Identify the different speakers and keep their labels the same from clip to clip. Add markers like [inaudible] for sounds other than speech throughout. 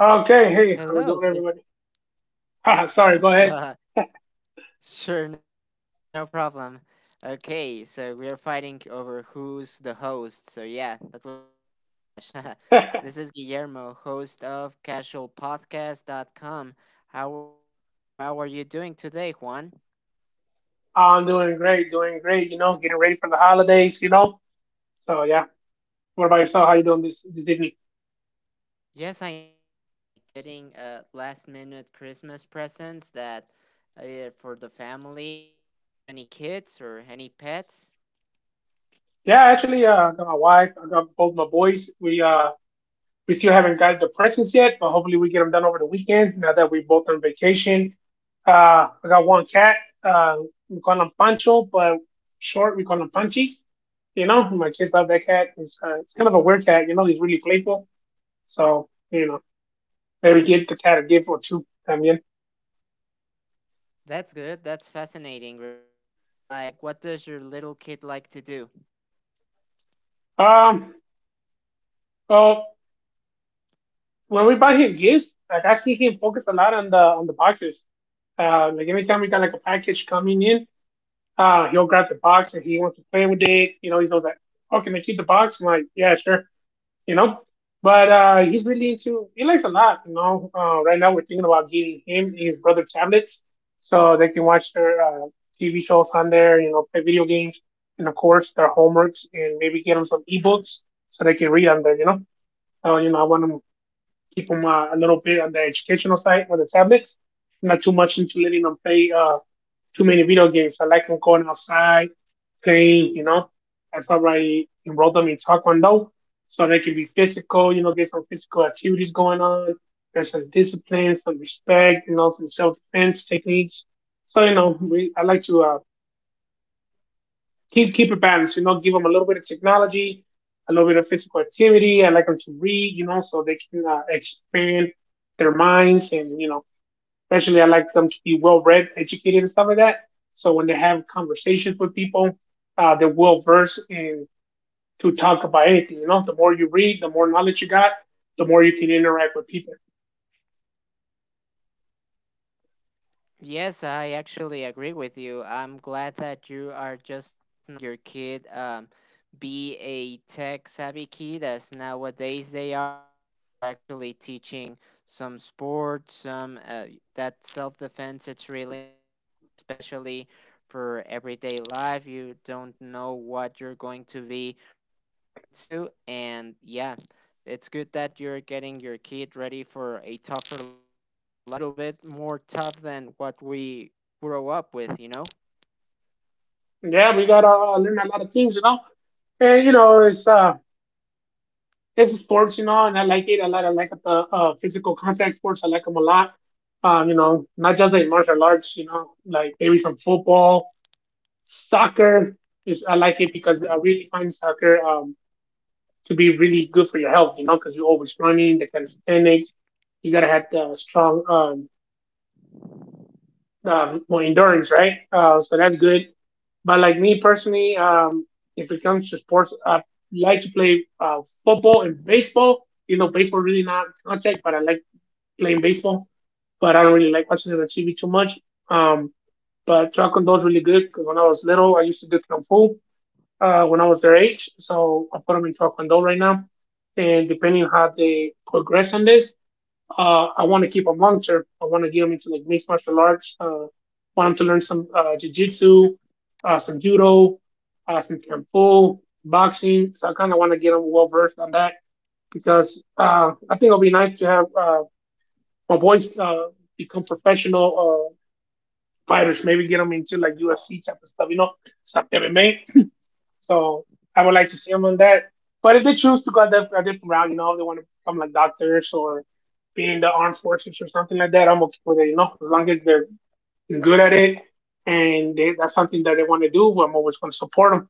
Speaker 1: Okay, hey,
Speaker 2: Hello,
Speaker 1: how we
Speaker 2: this
Speaker 1: doing, everybody? [laughs] Sorry, go ahead.
Speaker 2: [laughs] Sure, no, problem. Okay, so we're fighting over who's the host. So yeah, that was a big clash. [laughs] This is Guillermo, host of casualpodcast.com. How are, how are you doing today, Juan?
Speaker 1: [laughs] I'm doing great, doing great. You know, getting ready for the holidays. You know, so yeah. What about yourself? How you doing this evening?
Speaker 2: Yes, I know, right? Like getting last minute Christmas presents that for the family. Do you have any kids or any pets?
Speaker 1: Yeah, actually, I got my wife. I got both my boys. We still haven't got the presents yet, but hopefully we get them done over the weekend. Now that we're both on vacation, I got one cat. Uh, we call him Pancho, but short we call him Punchies. You know, my kids love that cat. It's kind of a weird cat. You know, he's really playful. So you know. Maybe Kid the cat a gift or two también.
Speaker 2: That's good. That's fascinating, really. Like, what does your little kid like to do?
Speaker 1: Um, so when we buy him gifts, like I see him focus a lot on the boxes. Like every time we got like a package coming in, he'll grab the box and he wants to play with it. You know, he goes like, "Oh, can I keep the box?" I'm like, "Yeah, sure." you know. But he's really into he likes a lot, you know. Right now we're thinking about getting him and his brother tablets so they can watch their TV shows on there, you know, play video games, and of course their homeworks, and maybe get them some ebooks so they can read on there, you know. So you know, I want to keep them a little bit on the educational side with the tablets, not too much into letting them play. Too many video games. I like them going outside, playing, you know. That's why I enrolled them in Taekwondo so they can be physical, you know, get some physical activities going on. There's some discipline, some respect, you know, some self defense techniques. So, you know, we, I like to keep it balanced, you know, give them a little bit of technology, a little bit of physical activity. I like them to read, you know, so they can expand their minds and, you know, especially, I like them to be well read, educated, and stuff like that. So when they have conversations with people, they're well versed in to talk about anything. You know, the more you read, the more knowledge you got, the more you can interact with people.
Speaker 2: Yes, I actually agree with you. I'm glad that you are just not letting your kid be a tech savvy kid as nowadays they are, and you're actually teaching some sports, some that self defense. It's really important, especially for everyday life. You don't know what you're going to be running into, and yeah, it's good that you're getting your kid ready for a tougher life, a little bit more tough than what we grow up with, you know?
Speaker 1: Yeah, we gotta learn a lot of things, you know. And you know, it's sports, you know, and I like it a lot. I like the physical contact sports. I like them a lot. You know, not just like martial arts, you know, like maybe some football, soccer. Just, I like it because I really find soccer to be really good for your health, you know, because you're always running, the calisthenics. You gotta have the strong, more endurance, right? So that's good. But like me personally, if it comes to sports, I like to play football and baseball. You know, baseball really not contact, but I like playing baseball. But I don't really like watching it on TV too much. Um, but taekwondo is really good because when I was little, I used to do kung fu. When I was their age. So I put them in Taekwondo right now. And depending on how they progress on this, I want to keep a monitor. I want to get them into like mixed martial arts. Want them to learn some jiu-jitsu, some judo, some kung fu, boxing. So I kind of want to get them well versed on that because I think it'll be nice to have my boys become professional fighters. Maybe get them into like UFC type of stuff, you know, stuff MMA. So I would like to see them on that. But if they choose to go that a different route, you know, if they want to become like doctors or be in the armed forces or something like that, I'm okay with it. You know, as long as they're good at it and they, that's something that they want to do, I'm always going to support them.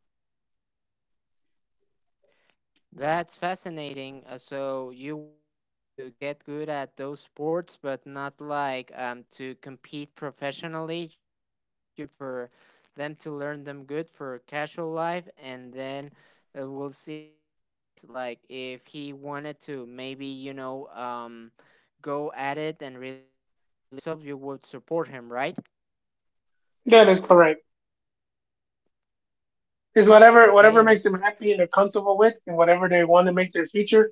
Speaker 2: That's fascinating. So you want him to get good at those sports, but not like to compete professionally. You just want them for them to learn them good for casual life, and then we'll see what happens. Like if he wanted to, maybe go at it and really dedicate himself, you would support him, right?
Speaker 1: That is correct. It's whatever
Speaker 2: Okay.
Speaker 1: makes them happy and they're comfortable with, and whatever they want to make their future.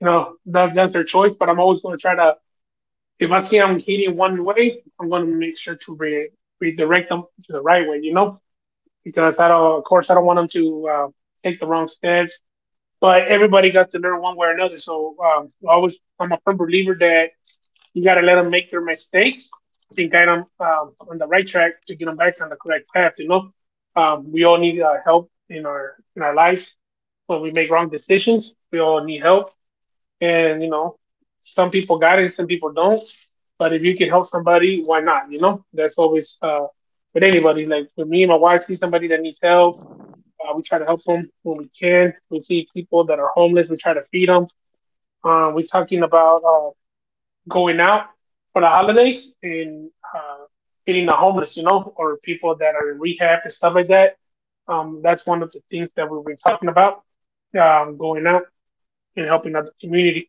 Speaker 1: You know, that's their choice. But I'm always going to try to. If I see I'm heading one way, I'm going to make sure to redirect them to the right way. You know because I don't, of course, I don't want them to take the wrong stance. But everybody got to learn one way or another. So always, I'm a firm believer that you got to let them make their mistakes and guide them on the right track to get them back on the correct path. You know, we all need help in our lives when we make wrong decisions. We all need help, and you know, some people got it, some people don't. But if you can help somebody, why not? You know, that's always with anybody. Like with me my wife, sees somebody that needs help, we try to help them when we can. We see people that are homeless. We try to feed them. We're talking about going out for the holidays and uh, feeding the homeless, you know, or people that are in rehab and stuff like that. That's one of the things that we've been talking about, going out and helping out the community.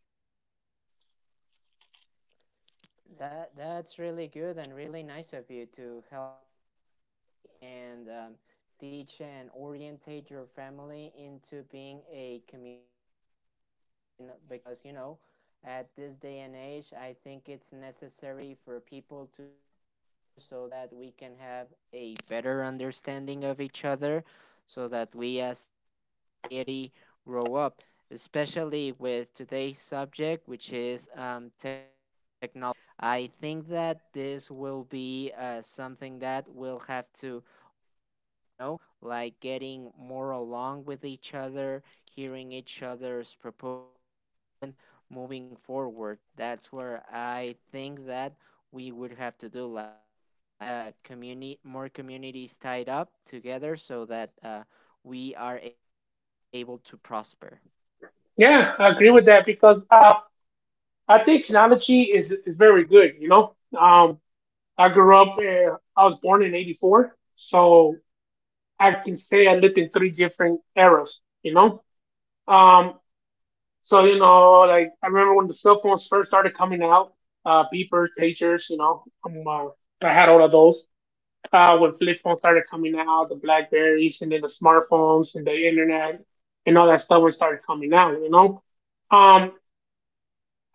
Speaker 2: That that's really good and really nice of you to help your community, and teach and orientate your family into being a community family. When because you know, at this day and age, I think it's necessary for people to get closer so that we can have a better understanding of each other, so that we as a society grow up. Especially with today's subject, which is technology. I think that this will be something that we'll have to learn, you know, like getting more along with each other, hearing each other's proposals, and moving forward. That's where I think that we would have to do, like get community, more communities tied up together so that we are able to prosper.
Speaker 1: Yeah, I agree with that because I think technology is very good. You know, um, I grew up, I was born in '84, so I can say I lived in three different eras, you know? Um, so, you know, like I remember when the cell phones first started coming out, beepers, pagers, you know, I had all of those. When flip phones started coming out, the Blackberries, and then the smartphones and the internet and all that stuff was started coming out, you know? Um,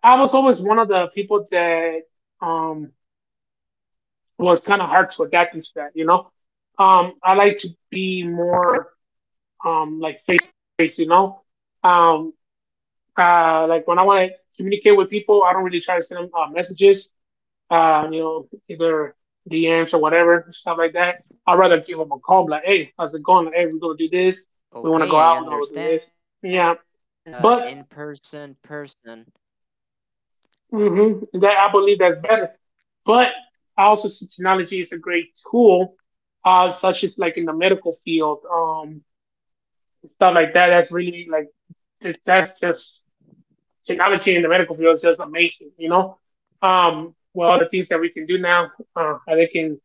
Speaker 1: I was always one of the people that um, was kind of hard to adapt into that, you know? I like to be more like face to face, you know. Um, like when I want to communicate with people, I don't really try to send them messages, you know, either DMs or whatever, stuff like that. I'd rather give them a call, like, hey, how's it going? Like, hey, we're gonna do this. We want to
Speaker 2: Okay, I
Speaker 1: go out. We're gonna
Speaker 2: understand.
Speaker 1: do
Speaker 2: So
Speaker 1: this.
Speaker 2: you're more
Speaker 1: Yeah,
Speaker 2: of a
Speaker 1: but
Speaker 2: in-person person.
Speaker 1: that I believe that's better. But I also see technology is a great tool, such as like in the medical field, stuff like that. That's really like that's just technology in the medical field is just amazing, you know. With all the things that we can do now, they can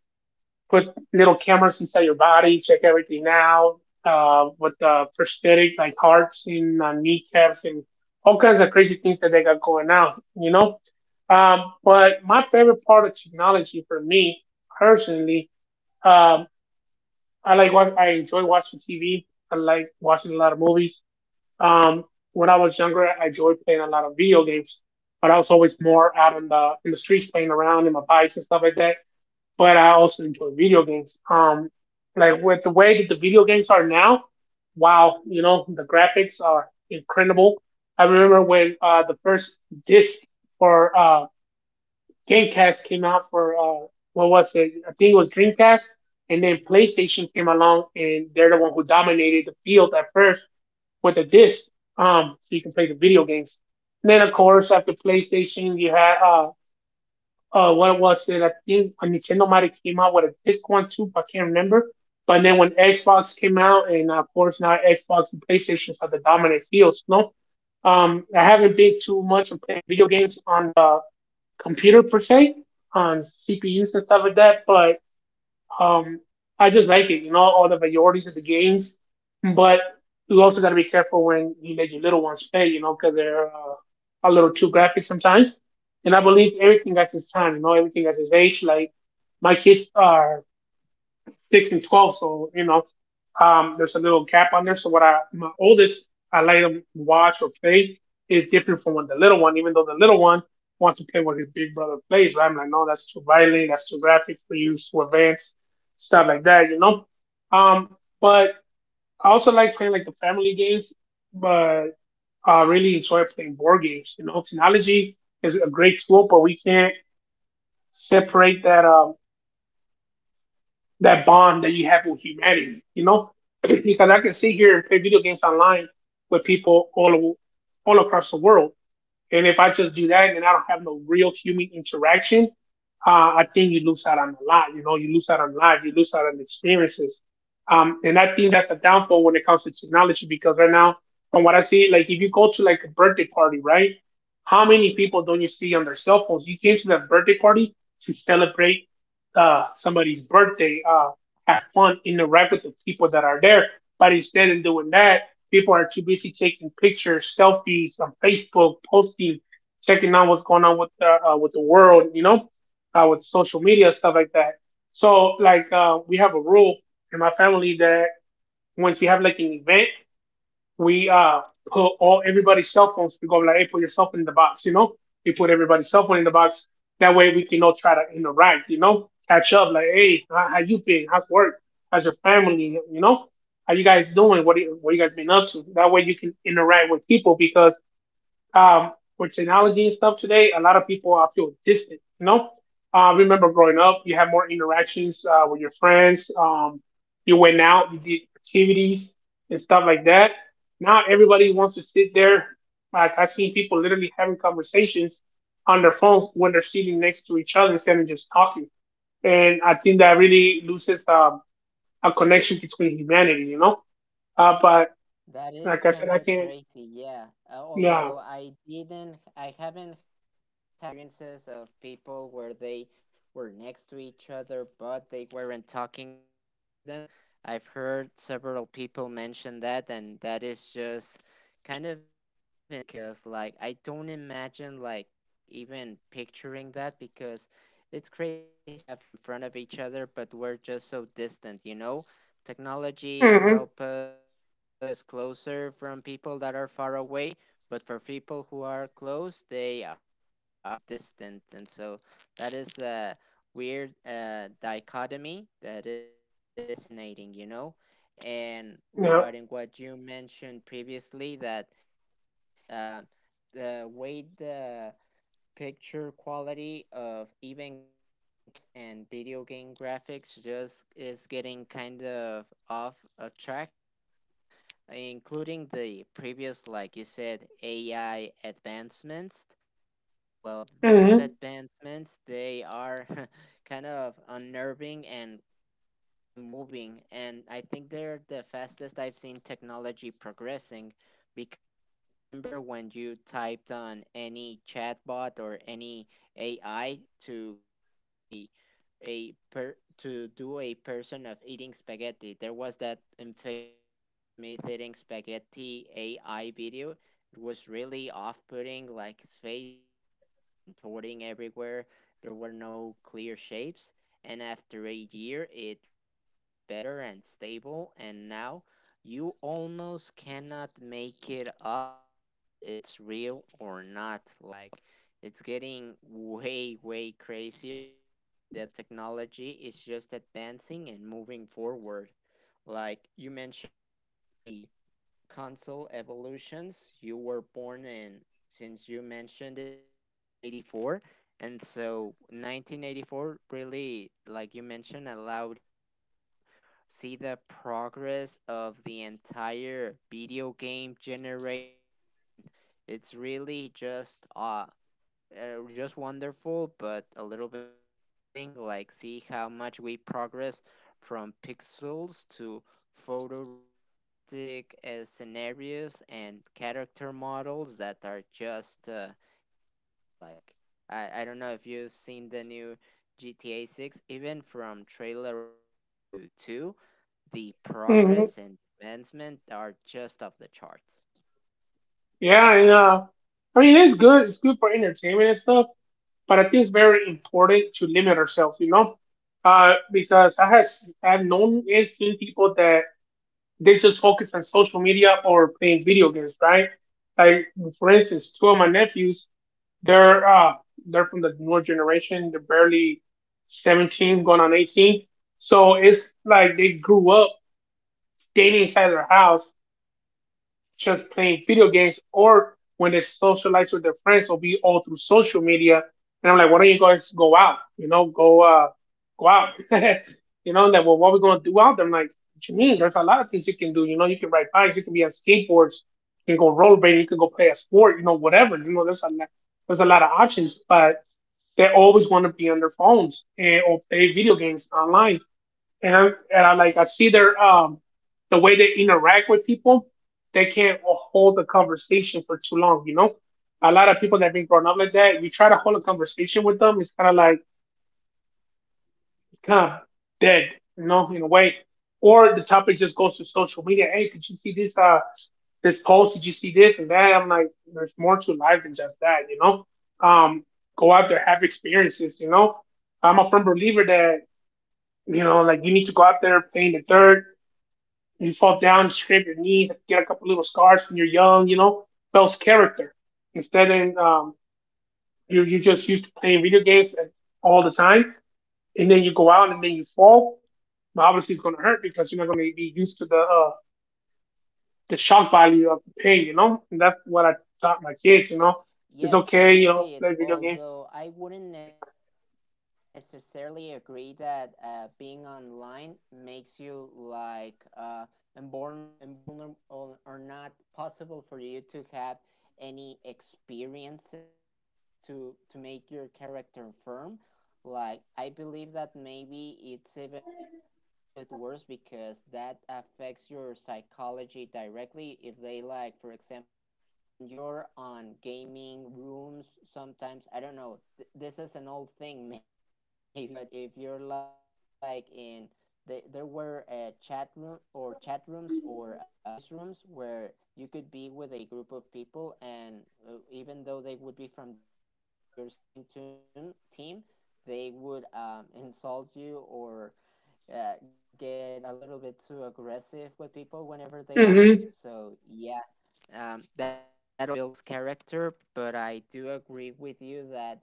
Speaker 1: put little cameras inside your body, check everything out with prosthetic like hearts and kneecaps and all kinds of crazy things that they got going on, you know. But my favorite part of technology for me personally, um, I like what I enjoy watching TV. I like watching a lot of movies. Um, when I was younger, I enjoyed playing a lot of video games, but I was always more out in the streets playing around in my bikes and stuff like that. But I also enjoy video games. Like with the way that the video games are now, wow, you know the graphics are incredible. I remember when the first disc for GameCast came out for what was it? I think it was Dreamcast, and then PlayStation came along, and they're the one who dominated the field at first with a disc, so you can play the video games. And then of course after PlayStation, you had what was it? I think Nintendo might have came out with a disc one too, but I can't remember. But then when Xbox came out, and of course now Xbox and PlayStation are the dominant fields. You know, I haven't been too much of playing video games on the computer per se, on CPUs and stuff like that. But um, I just like it, you know, all the varieties of the games. But you also got to be careful when you let your little ones play, you know, because they're a little too graphic sometimes. And I believe everything has its time, you know, everything has its age. Like my kids are 6 and 12, so you know, there's a little gap on there. So what I my oldest I let him watch or play is different from what the little one, even though the little one wants to play what his big brother plays. But I'm like, no, that's too violent, that's too graphic for you, it's too advanced, stuff like that, you know. But I also like playing like the family games, but I really enjoy playing board games. You know, technology is a great tool, but we can't separate that that bond that you have with humanity, you know? [clears throat] Because I can sit here and play video games online with people all across the world. And if I just do that and I don't have no real human interaction, I think you lose out on a lot. You know, you lose out on life, you lose out on experiences. And I think that's a downfall when it comes to technology because right now, from what I see, like if you go to like a birthday party, right? How many people don't you see on their cell phones? You came to that birthday party to celebrate somebody's birthday, have fun, interact with the people that are there. But instead of doing that, people are too busy taking pictures, selfies on Facebook, posting, checking out what's going on with the world, you know, with social media stuff like that. So like, we have a rule in my family that once we have like an event we put all everybody's cell phones. We go like, hey, put your cell phone in the box, you know. We put everybody's cell phone in the box. That way we can all try to interact, you know, catch up. Like, hey, how you been? How's work? How's your family? You know, how you guys doing? What you guys been up to? That way you can interact with people because um, with technology and stuff today, a lot of people feel distant. You know, remember growing up, you had more interactions with your friends. You went out, you did activities and stuff like that. Now everybody wants to sit there. Like I've seen people literally having conversations on their phones when they're sitting next to each other instead of just talking. And I think that really loses a connection between humanity. You know, but
Speaker 2: That
Speaker 1: like
Speaker 2: is
Speaker 1: I said,
Speaker 2: kind
Speaker 1: I
Speaker 2: of
Speaker 1: can't.
Speaker 2: crazy, yeah.
Speaker 1: Yeah.
Speaker 2: Although I haven't had any experiences of people where they were next to each other, but they weren't talking directly to them. I've heard several people mention that, and that is just kind of insane because, like, I don't imagine, like, even picturing that because it's crazy that we have in front of each other, but we're just so distant, you know? Technology
Speaker 1: Hmm.
Speaker 2: helps us bring us closer from people that are far away, but for people who are close they are getting distant, and so that is a weird dichotomy that it's kind of fascinating, you know. And
Speaker 1: Yeah.
Speaker 2: regarding what you mentioned previously, that yes, the way the picture quality of even cameras and video game graphics just is getting kind of off a track because, including the previous like you said AI advancements, well those
Speaker 1: Hmm.
Speaker 2: advancements they are [laughs] kind of unnerving and very quickly moving, and I think they're the fastest I've seen technology progressing because I remember when you typed on any chatbot or any AI to grab a per to do a person of eating spaghetti. There was that infamous Will Smith eating spaghetti AI video. It was really off-putting. Like, his face was moving and contorting everywhere. There were no clear shapes. And after a year, it really got better and stable. And now you almost cannot make it up whether it's real or not. Like, it's getting way crazier, and the technology is just advancing and moving forward. Like, you mentioned the console evolutions you were born in, since you mentioned it, 1984, and so 1984 really, like you mentioned, allowed you to see the progress of the entire video game generations. And it's really just wonderful, but a little bit terrifying. Like, see how much we progress from pixels to photorealistic scenarios and character models that are just insane. Like, I don't know if you've seen the new GTA 6, even from trailer 1 to 2, the
Speaker 1: Hmm.
Speaker 2: progress and advancement are just off the charts.
Speaker 1: Yeah, and I mean it's good. It's good for entertainment and stuff, but I think it's very important to limit ourselves, you know, because I've known and seen people that they just focus on social media or playing video games, right? Like for instance, two of my nephews, they're uh, they're from the newer generation. They're barely 17, going on 18, so it's like they grew up dating inside their house just playing video games or when they socialize with their friends will be all through social media. And I'm like, why don't you guys go out? You know, go out. [laughs] You know, and like, well, what are we gonna do out there? I'm like, what you mean? There's a lot of things you can do. You know, you can ride bikes, you can be on skateboards, you can go rollerblading, you can go play a sport, you know, whatever. You know, there's a lot of options, but they're always going to be on their phones and or play video games online and I, and I like I see their the way they interact with people. They can't hold a conversation for too long, you know. A lot of people that have been grown up like that, you try to hold a conversation with them, it's kind of dead, you know, in a way. Or the topic just goes to social media. Hey, did you see this this post? Did you see this and that? I'm like, there's more to life than just that, you know. Um, go out there, have experiences, you know. I'm a firm believer that, you know, like you need to go out there, play in the dirt. You fall down, scrape your knees, get a couple little scars when you're young, you know, builds character. Instead of you're just used to playing video games all the time, and then you go out and then you fall. Well, obviously, it's going to hurt because you're not going to be used to the shock value of the pain, you know? And that's what I taught my kids, you know? It's
Speaker 2: Yes, I
Speaker 1: okay,
Speaker 2: do
Speaker 1: you know,
Speaker 2: see it,
Speaker 1: play video games.
Speaker 2: although I wouldn't necessarily agree that being online makes you like invulnerable or not possible for you to have any experiences to make your character firm. Like, I believe that maybe it's even a little bit worse because that affects your psychology directly if they, like, for example, when you're on gaming rooms sometimes, I don't know, this is an old thing [laughs] maybe, but if you're like in there were chat room or chat rooms or voice rooms where you could be with a group of people, and even though they would be from the say your same team, they would insult you or get a little bit too aggressive with people whenever they lose,
Speaker 1: Mm-hmm.
Speaker 2: so yeah, that also kind of builds character, but I do agree with you that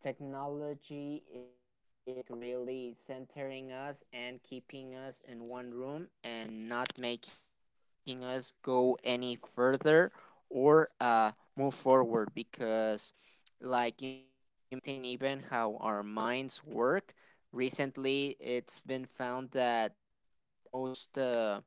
Speaker 2: technology is like really centering us and keeping us in one room and not making us go any further or move forward because, like you mentioned, it's affecting even how our minds work. Recently it's been found that um, the most uh,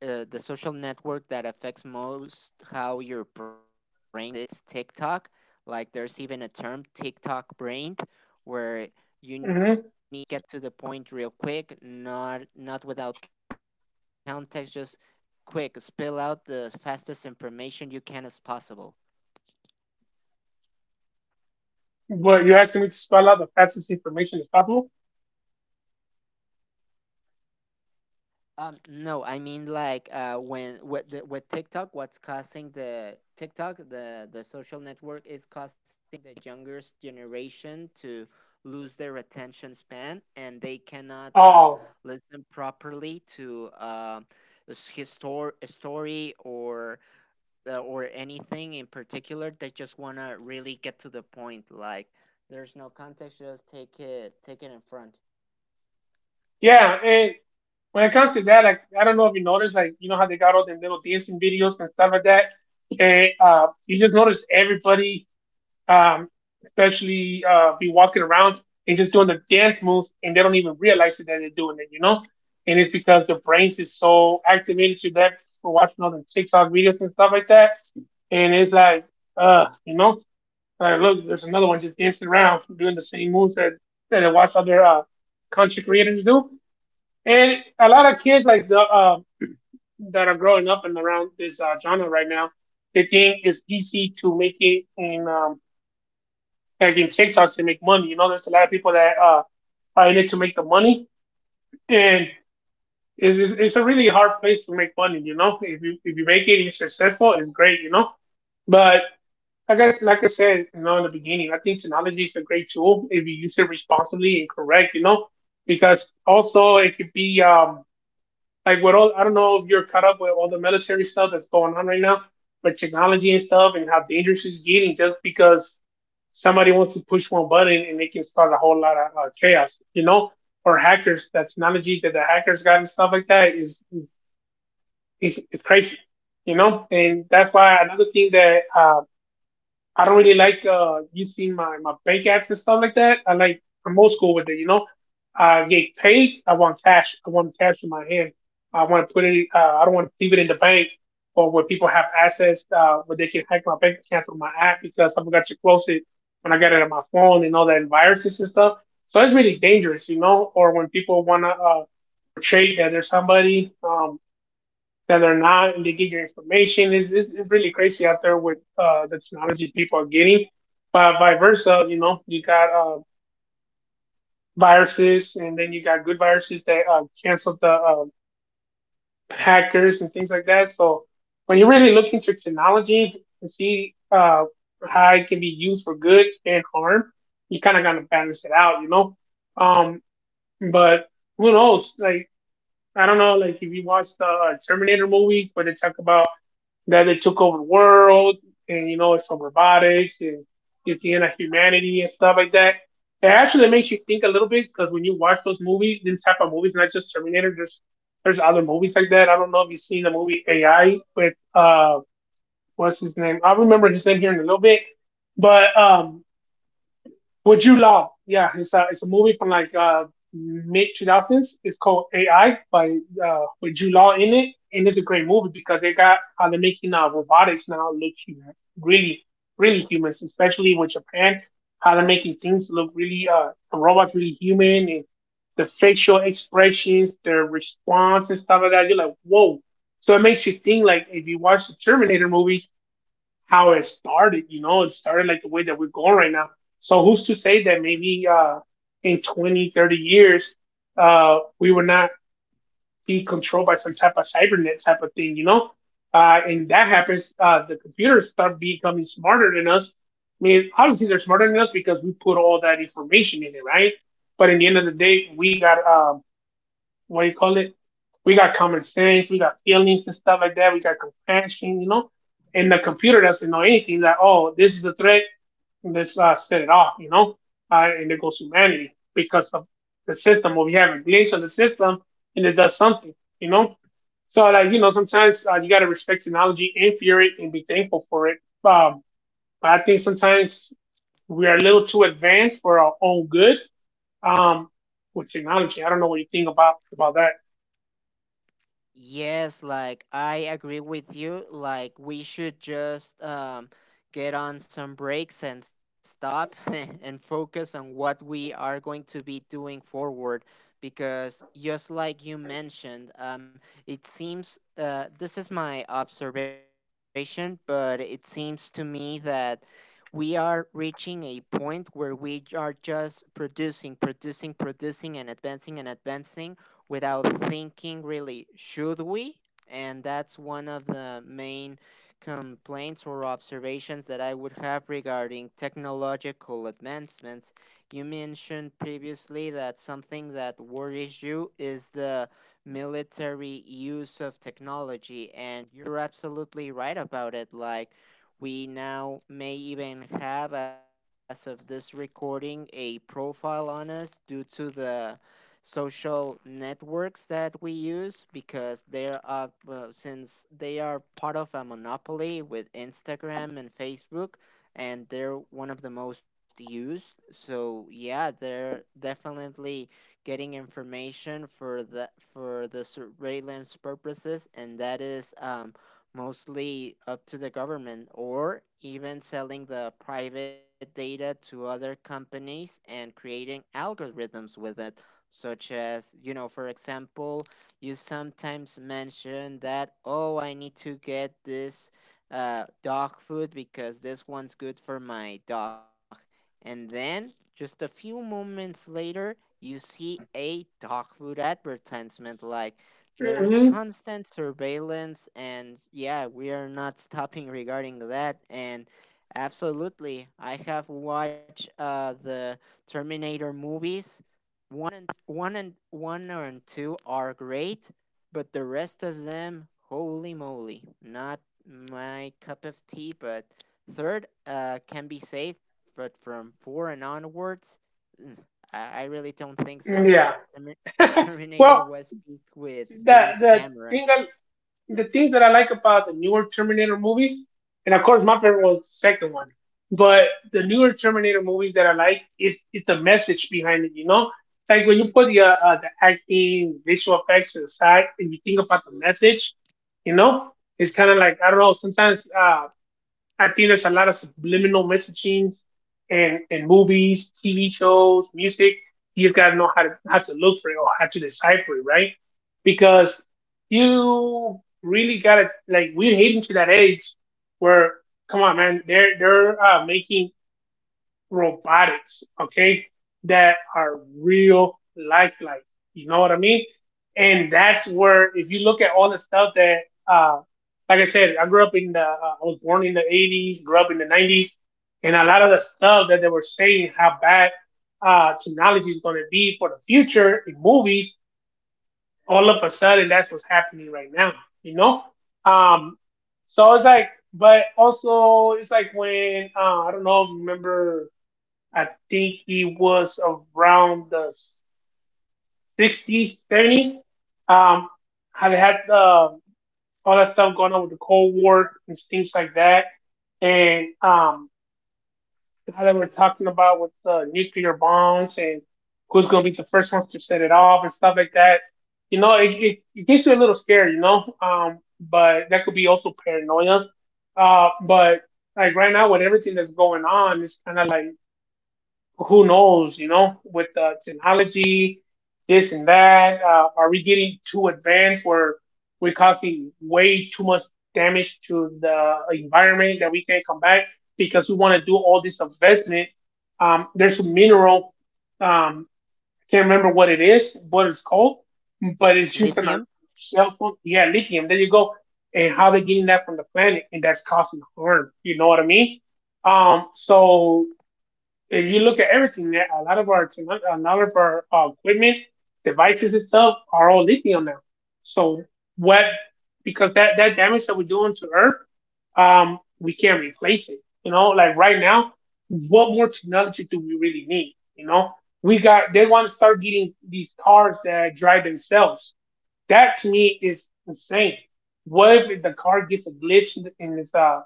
Speaker 2: uh, the social network that affects most how your brain reacts it's TikTok. Like, there's even a term, TikTok brain, where you need to
Speaker 1: Mm-hmm.
Speaker 2: just get to the point real quick, not without context, just quick spill out the fastest information you can as possible.
Speaker 1: But you're asking me to spell out the fastest information as possible?
Speaker 2: No, I mean like, when with TikTok, what's causing the social network, is causing the youngest generation to lose their attention span, and they cannot
Speaker 1: Oh,
Speaker 2: listen properly to s- histor a story or anything in particular. They just wanna really get to the point. Like, there's no context. Just take it in front.
Speaker 1: yeah. And when it comes to that, like I don't know if you noticed, like you know how they got all them little dancing videos and stuff like that. They you just notice everybody, um, especially be walking around and just doing the dance moves, and they don't even realize it that they're doing it, you know. And it's because their brains is so activated to that for watching all the TikTok videos and stuff like that. And it's like, you know, like look, there's another one just dancing around doing the same moves that I watch other content creators do and a lot of kids like the that are growing up and around this genre right now, they think it's easy to make it in like in TikTok to make money. You know, there's a lot of people that are in it to make the money, and it's a really hard place to make money. You know, if you make it, and you're successful, it's great. You know, but I said, you know, in the beginning, I think technology is a great tool if you use it responsibly and correct. You know, because also it could be like with all, I don't know if you're caught up with all the military stuff that's going on right now, with technology and stuff and how dangerous it's getting just because somebody wants to push one button and they can start a whole lot of chaos, you know, or hackers. That technology that the hackers got and stuff like that is crazy, you know. And that's why another thing that I don't really like using my bank apps and stuff like that. I'm old school with it, you know. I get paid, I want cash. I want cash in my hand. I want to put it. I don't want to leave it in the bank or where people have access where they can hack my bank account through my app because I forgot to close it when I got it on my phone and all that and viruses and stuff. So it's really dangerous, you know. Or when people want to portray that there's somebody that are not, and they get your information. It's really crazy out there with the technology people are getting. But vice versa, you know, you got viruses, and then you got good viruses that cancel the hackers and things like that. So when you really look into technology and see how it can be used for good and harm, you kind of got to balance it out, you know. Um, but who knows? Like I don't know, like if you watch the Terminator movies where they talk about that they took over the world, and you know it's from robotics and it's the end of humanity and stuff like that. It actually makes you think a little bit because when you watch those movies, them type of movies, not just Terminator, there's other movies like that. I don't know if you've seen the movie AI with what's his name? I'll remember his name here in a little bit. But would You Love? Yeah, it's a movie from like mid two thousands. It's called AI by with Jude Law in it, and it's a great movie because they got how they're making robotics now look human, really really humans, especially with Japan. How they're making things look really the robots really human and the facial expressions, their response and stuff like that. You're like, whoa. So it makes you think like if you watch the Terminator movies, how it started. You know, it started like the way that we're going right now. So who's to say that maybe in 20, 30 years, we will not be controlled by some type of cybernet type of thing, you know? And that happens, the computers start becoming smarter than us. I mean, obviously they're smarter than us because we put all that information in it, right? But in the end of the day, we got what do you call it? We got common sense, we got feelings and stuff like that, we got compassion, you know. And the computer doesn't know anything that oh, this is a threat, let's set it off, you know. And it goes humanity because of the system or we have a glitch on the system and it does something, you know. So like you know, sometimes, you gotta respect technology and fear it and be thankful for it. Um, but I think sometimes we are a little too advanced for our own good, um, with technology. I don't know what you think about that.
Speaker 2: Yes, like I agree with you. Like, we should just get on some breaks and stop [laughs] and focus on what we are going to be doing forward. Because just like you mentioned, it seems, this is my observation, but it seems to me that we are reaching a point where we are just producing, producing, producing, and advancing without thinking really, should we? And that's one of the main complaints or observations that I would have regarding technological advancements. You mentioned previously that something that worries you is the military use of technology, and you're absolutely right about it. Like, we now may even have, as of this recording, a profile on us due to the social networks that we use because they're up since they are part of a monopoly with Instagram and Facebook, and they're one of the most used, so yeah, they're definitely getting information for the surveillance purposes, and that is mostly up to the government, or even selling the private data to other companies and creating algorithms with it such as, you know, for example, you sometimes mention that, oh, I need to get this dog food because this one's good for my dog. And then, just a few moments later, you see a dog food advertisement. Like, there's
Speaker 1: Mm-hmm.
Speaker 2: constant surveillance, and yeah, we are not stopping regarding that. And absolutely, I have watched the Terminator movies. One and one and two are great, but the rest of them, holy moly, not my cup of tea. But third can be safe, but from four and onwards, mm, I really don't think so.
Speaker 1: Mm, yeah.
Speaker 2: Termi- Terminator
Speaker 1: Well,
Speaker 2: was peak with
Speaker 1: the
Speaker 2: James
Speaker 1: the
Speaker 2: Cameron.
Speaker 1: thing I, the things that I like about the newer Terminator movies, and of course my favorite was the second one, but the newer Terminator movies that I like is the message behind it. You know, like when you put the acting, visual effects to the side, and you think about the message, you know, it's kind of like I don't know. Sometimes, I think there's a lot of subliminal messagings and movies, TV shows, music. You just gotta know how to look for it or how to decipher it, right? Because you really gotta like we're heading to that age where come on man, they're making robotics, okay, that are real lifelike. You know what I mean? And that's where, if you look at all the stuff that, uh, like I said, I grew up in the, I was born in the 80s, grew up in the 90s, and a lot of the stuff that they were saying how bad, technology is going to be for the future in movies, all of a sudden, that's what's happening right now, you know? Um, so it's like, but also, it's like when, I don't know if you remember, I think it was around the 60s, 70s. Um, how they had all that stuff going on with the Cold War and things like that, and how they were talking about with the nuclear bombs and who's going to be the first ones to set it off and stuff like that. You know, it gets you a little scared, you know, but that could be also paranoia. But like right now with everything that's going on, it's kind of like who knows, you know, with technology, this and that. Are we getting too advanced where we're causing way too much damage to the environment that we can't come back because we want to do all this investment? There's a mineral, um, can't remember what it is, what it's called, but it's used on a
Speaker 2: Lithium?
Speaker 1: cell phone. Yeah, lithium. There you go. And how they're getting that from the planet, and that's causing harm. You know what I mean? So if you look at everything, a lot of our equipment, devices and stuff are all lithium now. So what? Because that damage that we're doing to Earth, we can't replace it. You know, like right now, what more technology do we really need? You know, we got they want to start getting these cars that drive themselves. That to me is insane. What if the car gets a glitch in its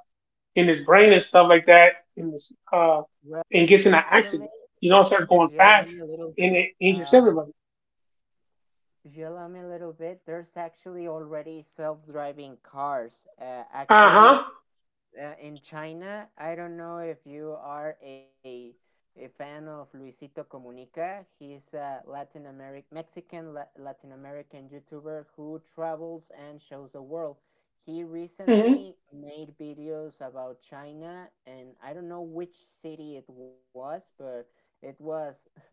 Speaker 1: in his brain and stuff like that, and, uh,
Speaker 2: Well,
Speaker 1: and gets in an
Speaker 2: actually,
Speaker 1: accident.
Speaker 2: if
Speaker 1: You know, it
Speaker 2: if
Speaker 1: starts
Speaker 2: you
Speaker 1: going
Speaker 2: allow me a
Speaker 1: fast
Speaker 2: little bit,
Speaker 1: and it injures
Speaker 2: um,
Speaker 1: everybody.
Speaker 2: There's actually already self-driving cars.
Speaker 1: Uh
Speaker 2: Actually,
Speaker 1: huh.
Speaker 2: in China, I don't know if you are a fan of Luisito Comunica. He's a Latin American, Mexican, Latin American YouTuber who travels and shows the world. He
Speaker 1: Hmm.
Speaker 2: recently made videos about China, and I don't know which city it was, but it was,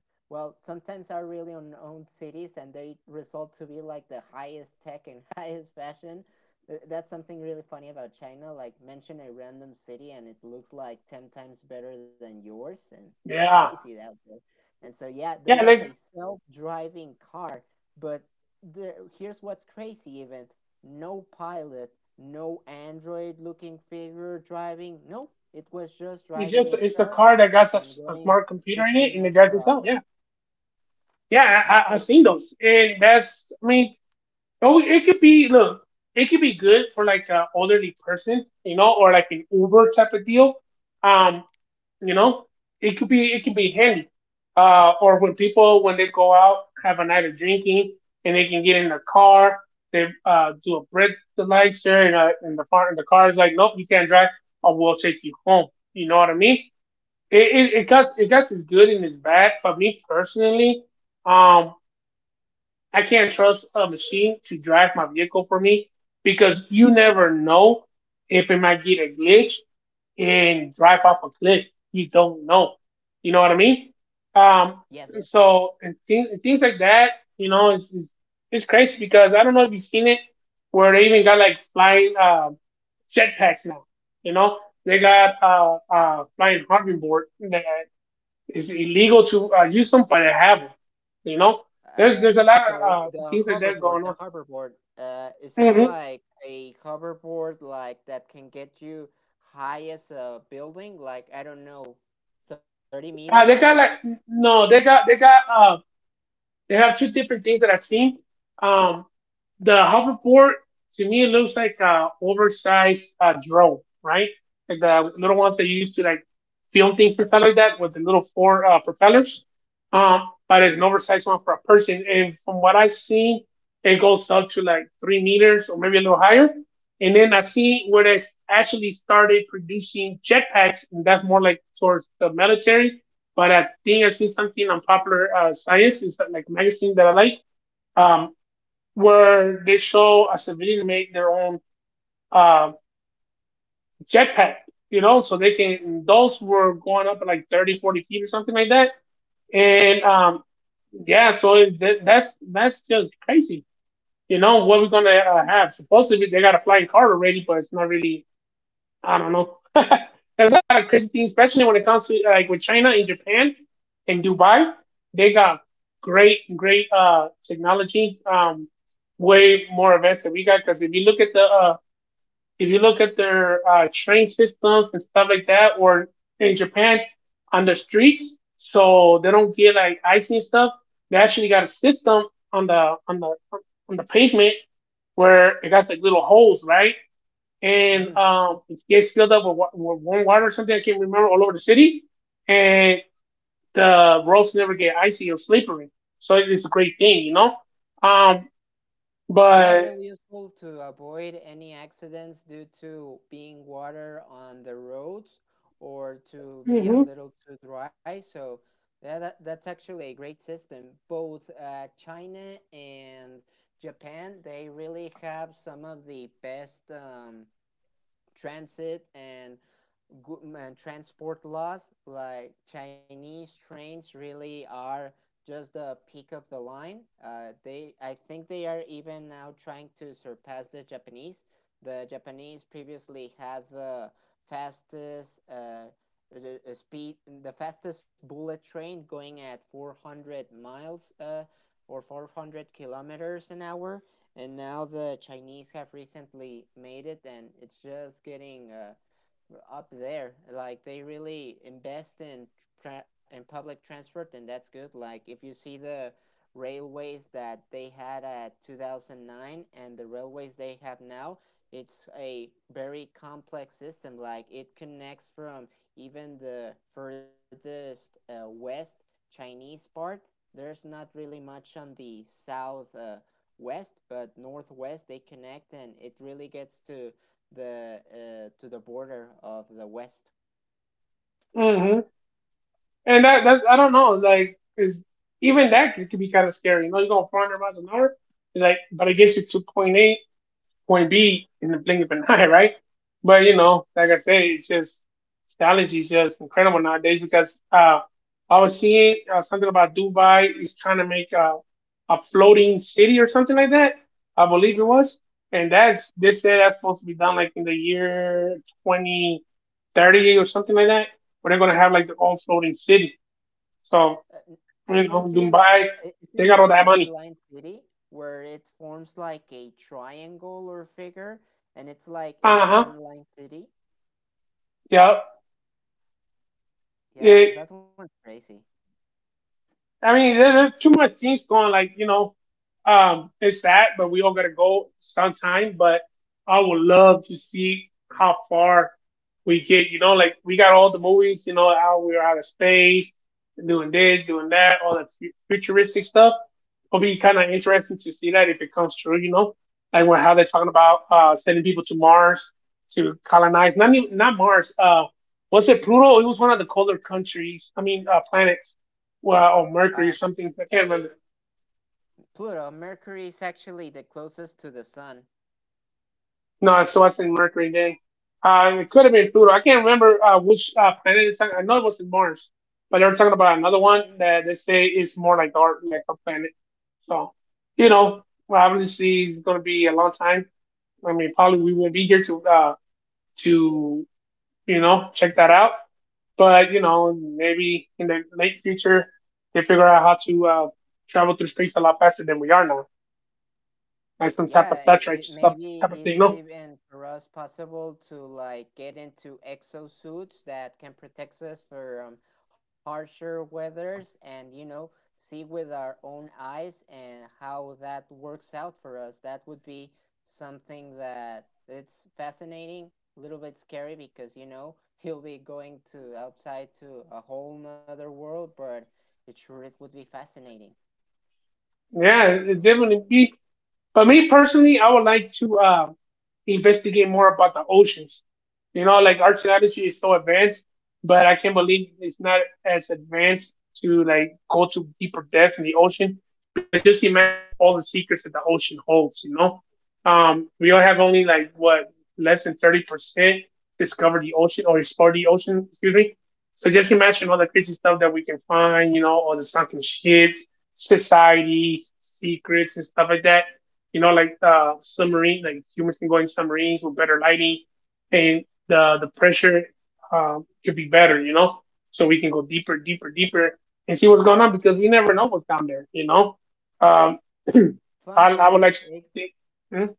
Speaker 2: well, sometimes are really unknown cities and they result to be like the highest tech and [laughs] highest fashion. That's something really funny about China. Like, mention a random city and it looks like 10 times better than yours. And it's [laughs]
Speaker 1: Yeah.
Speaker 2: crazy out there. And so, yeah, there
Speaker 1: Yeah.
Speaker 2: was a
Speaker 1: Like
Speaker 2: self driving car, but there, here's what's crazy, even no pilot, no android looking figure driving. Nope, it was just
Speaker 1: it's
Speaker 2: driving
Speaker 1: just it's the
Speaker 2: itself
Speaker 1: car that
Speaker 2: and
Speaker 1: got
Speaker 2: going
Speaker 1: a smart computer
Speaker 2: 60
Speaker 1: in it
Speaker 2: miles
Speaker 1: and it
Speaker 2: per
Speaker 1: drives
Speaker 2: hour.
Speaker 1: itself. Yeah. I've seen those, and that's I mean, oh, it could be look, it could be good for like an elderly person, you know, or like an Uber type of deal. Um, You know, it could be it can be handy. Or when people when they go out have a night of drinking and they can get in the car, they do a breathalyzer and, and the car is like, nope, you can't drive. I will take you home. You know what I mean? It got it got its good and its bad. For me personally, um, I can't trust a machine to drive my vehicle for me because you never know if it might get a glitch and drive off a cliff. You don't know. You know what I mean? Um,
Speaker 2: Yes, yes.
Speaker 1: so and things like that, you know, it's it's crazy because I don't know if you've seen it where they even got like flying jetpacks now. You know, they got flying hoverboard that it's illegal to use them, but they have them. You know,
Speaker 2: Uh,
Speaker 1: there's a lot
Speaker 2: so
Speaker 1: of
Speaker 2: the
Speaker 1: things like that
Speaker 2: hoverboard,
Speaker 1: going on.
Speaker 2: is it
Speaker 1: Hmm.
Speaker 2: like a hoverboard like that can get you high as a building? Like, I don't know, 30 meters.
Speaker 1: They got like no, they got they have two different things that I've seen. Um, The hoverboard to me it looks like a oversized drone, right? Like the little ones that you used to like film things and stuff like that with the little four propellers. Um, but it's an oversized one for a person. And from what I've seen, it goes up to like 3 meters or maybe a little higher. And then I see where they actually started producing jetpacks, and that's more like towards the military. But I think I see something on Popular Science, is like a magazine that I like. Um, where they show a civilian make their own uh, jetpack, you know, so they can, those were going up at like 30, 40 feet or something like that. And yeah, that's just crazy. You know, what we're going to have. Supposedly, they got a flying car already, but it's not really I don't know. [laughs] There's a lot of crazy things, especially when it comes to like with China and Japan and Dubai. They got great, great technology. Way more advanced than we got. Because if you look at the if you look at their train systems and stuff like that, or in Japan on the streets, so they don't get like ice and stuff. They actually got a system on the on the on the pavement where it got like little holes, right?
Speaker 2: Mm-hmm.
Speaker 1: And it gets filled up with, with warm water or something. I can't remember all over the city, and the roads never get icy or slippery. So it is a great thing, you know. Um,
Speaker 2: Yeah,
Speaker 1: but
Speaker 2: really useful to avoid any accidents due to being water on the roads or to be a
Speaker 1: hmm
Speaker 2: little too dry. So that's actually a great system. Both China and Japan, they really have some of the best transit and good man, transport laws. Like Chinese trains really are just the peak of the line. Uh, they i think they are even now trying to surpass the Japanese. The Japanese previously had the fastest the speed the fastest bullet train going at 400 miles or 400 kilometers an hour, and now the Chinese have recently made it, and it's just getting up there. Like, they really invest in in public transport, and that's good. Like, if you see the railways that they had at 2009 and the railways they have now, it's a very complex system. Like, it connects from even the furthest west Chinese part. There's not really much on the south west, but northwest they connect, and it really gets to the border of the west.
Speaker 1: hmm and that I don't know, like is even that could be kind of scary. You know, you're going 400 miles an hour, it's like, but it gets you to point A point B in the blink of an [laughs] eye, right? But you know, like I said, it's just technology is just incredible nowadays because I was seeing something about Dubai is trying to make a floating city or something like that. I believe it was, and that's they said that's supposed to be done like in the year 2030 or something like that. Where they're gonna have like their own floating city. So
Speaker 2: N- I
Speaker 1: you
Speaker 2: think
Speaker 1: know,
Speaker 2: you
Speaker 1: Dubai,
Speaker 2: isn't
Speaker 1: they
Speaker 2: it
Speaker 1: got
Speaker 2: the
Speaker 1: all that
Speaker 2: one
Speaker 1: money.
Speaker 2: line city where it forms like a triangle or figure, and it's like a
Speaker 1: Uh huh.
Speaker 2: one line city? Yeah,
Speaker 1: Yeah.
Speaker 2: that one's crazy.
Speaker 1: I mean, there's too much things going. Like you know, it's sad, but we all gotta go sometime. But I would love to see how far we get. You know, like we got all the movies. You know, how we're out of space, doing this, doing that, all that futuristic stuff. It'll be kind of interesting to see that if it comes true. You know, like what- how they're talking about sending people to Mars to colonize. Not even, not Mars. Was it Pluto? It was one of the colder countries. I mean, planets well, or
Speaker 2: Uh,
Speaker 1: Mercury or something. I can't remember.
Speaker 2: Pluto, Mercury is actually the closest to the sun.
Speaker 1: No, so I said Mercury then. It could have been Pluto. I can't remember which planet it's on. I know it wasn't Mars, but they were talking about another one that they say is more like our planet. So, you know, well, obviously it's going to be a long time. I mean, probably we won't be here to to you know check that out. But you know, maybe in the late future they figure out how to travel through space a lot faster than we are now, like some type
Speaker 2: Yeah,
Speaker 1: of flat right?
Speaker 2: it,
Speaker 1: stuff
Speaker 2: maybe
Speaker 1: type of thing.
Speaker 2: it's
Speaker 1: No,
Speaker 2: even for us possible to like get into exosuits that can protect us from harsher weathers, and you know, see with our own eyes and how that works out for us. That would be something that it's fascinating, a little bit scary because you know [laughs] he'll be going to outside to a whole nother world, but it sure it would be fascinating.
Speaker 1: yeah, it definitely be but me personally, I would like to investigate more about the oceans. You know, like oceanography is so advanced, but I can't believe it's not as advanced to like go to deeper depth in the ocean because just imagine all the secrets that the ocean holds. You know, we all have only like what less than 30% discover the ocean or explore the ocean. Excuse me. So just imagine all the crazy stuff that we can find. You know, all the sunken ships, societies, secrets, and stuff like that you know, like submarine, like humans can go in submarines with better lighting, and the pressure could be better, you know, so we can go deeper, deeper, deeper, and see what's going on because we never know what's down there, you know. Um, [clears throat] I
Speaker 2: Fun
Speaker 1: I would like
Speaker 2: fact,
Speaker 1: to, think, hmm?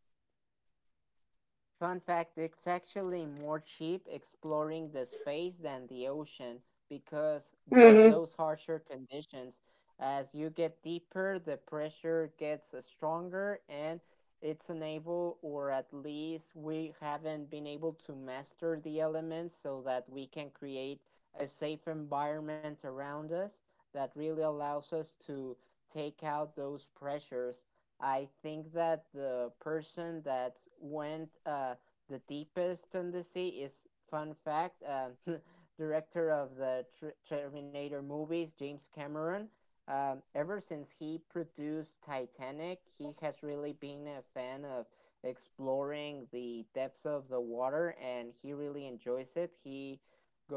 Speaker 2: Fun fact, it's actually more cheap exploring the space than the ocean because of
Speaker 1: Mm-hmm,
Speaker 2: those harsher conditions. As you get deeper, the pressure gets stronger, and it's unable, or at least we haven't been able to master the elements so that we can create a safe environment around us that really allows us to take out those pressures. I think that the person that went the deepest on the sea is, fun fact, [laughs] director of the Terminator movies, James Cameron. Ever since he produced Titanic, he has really been a fan of exploring the depths of the water, and he really enjoys it. He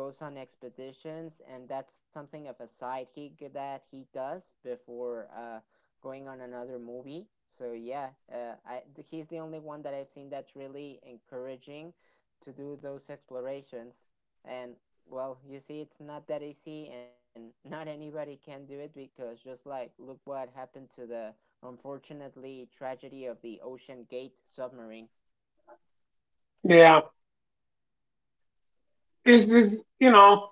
Speaker 2: goes on expeditions, and that's something of a side gig that he does before going on another movie. So yeah, he's the only one that I've seen that's really encouraging to do those explorations. And well, you see, it's not that easy, and [laughs] not anybody can do it because just like look what happened to the unfortunately tragedy of the Ocean Gate submarine. [laughs]
Speaker 1: yeah, this you know,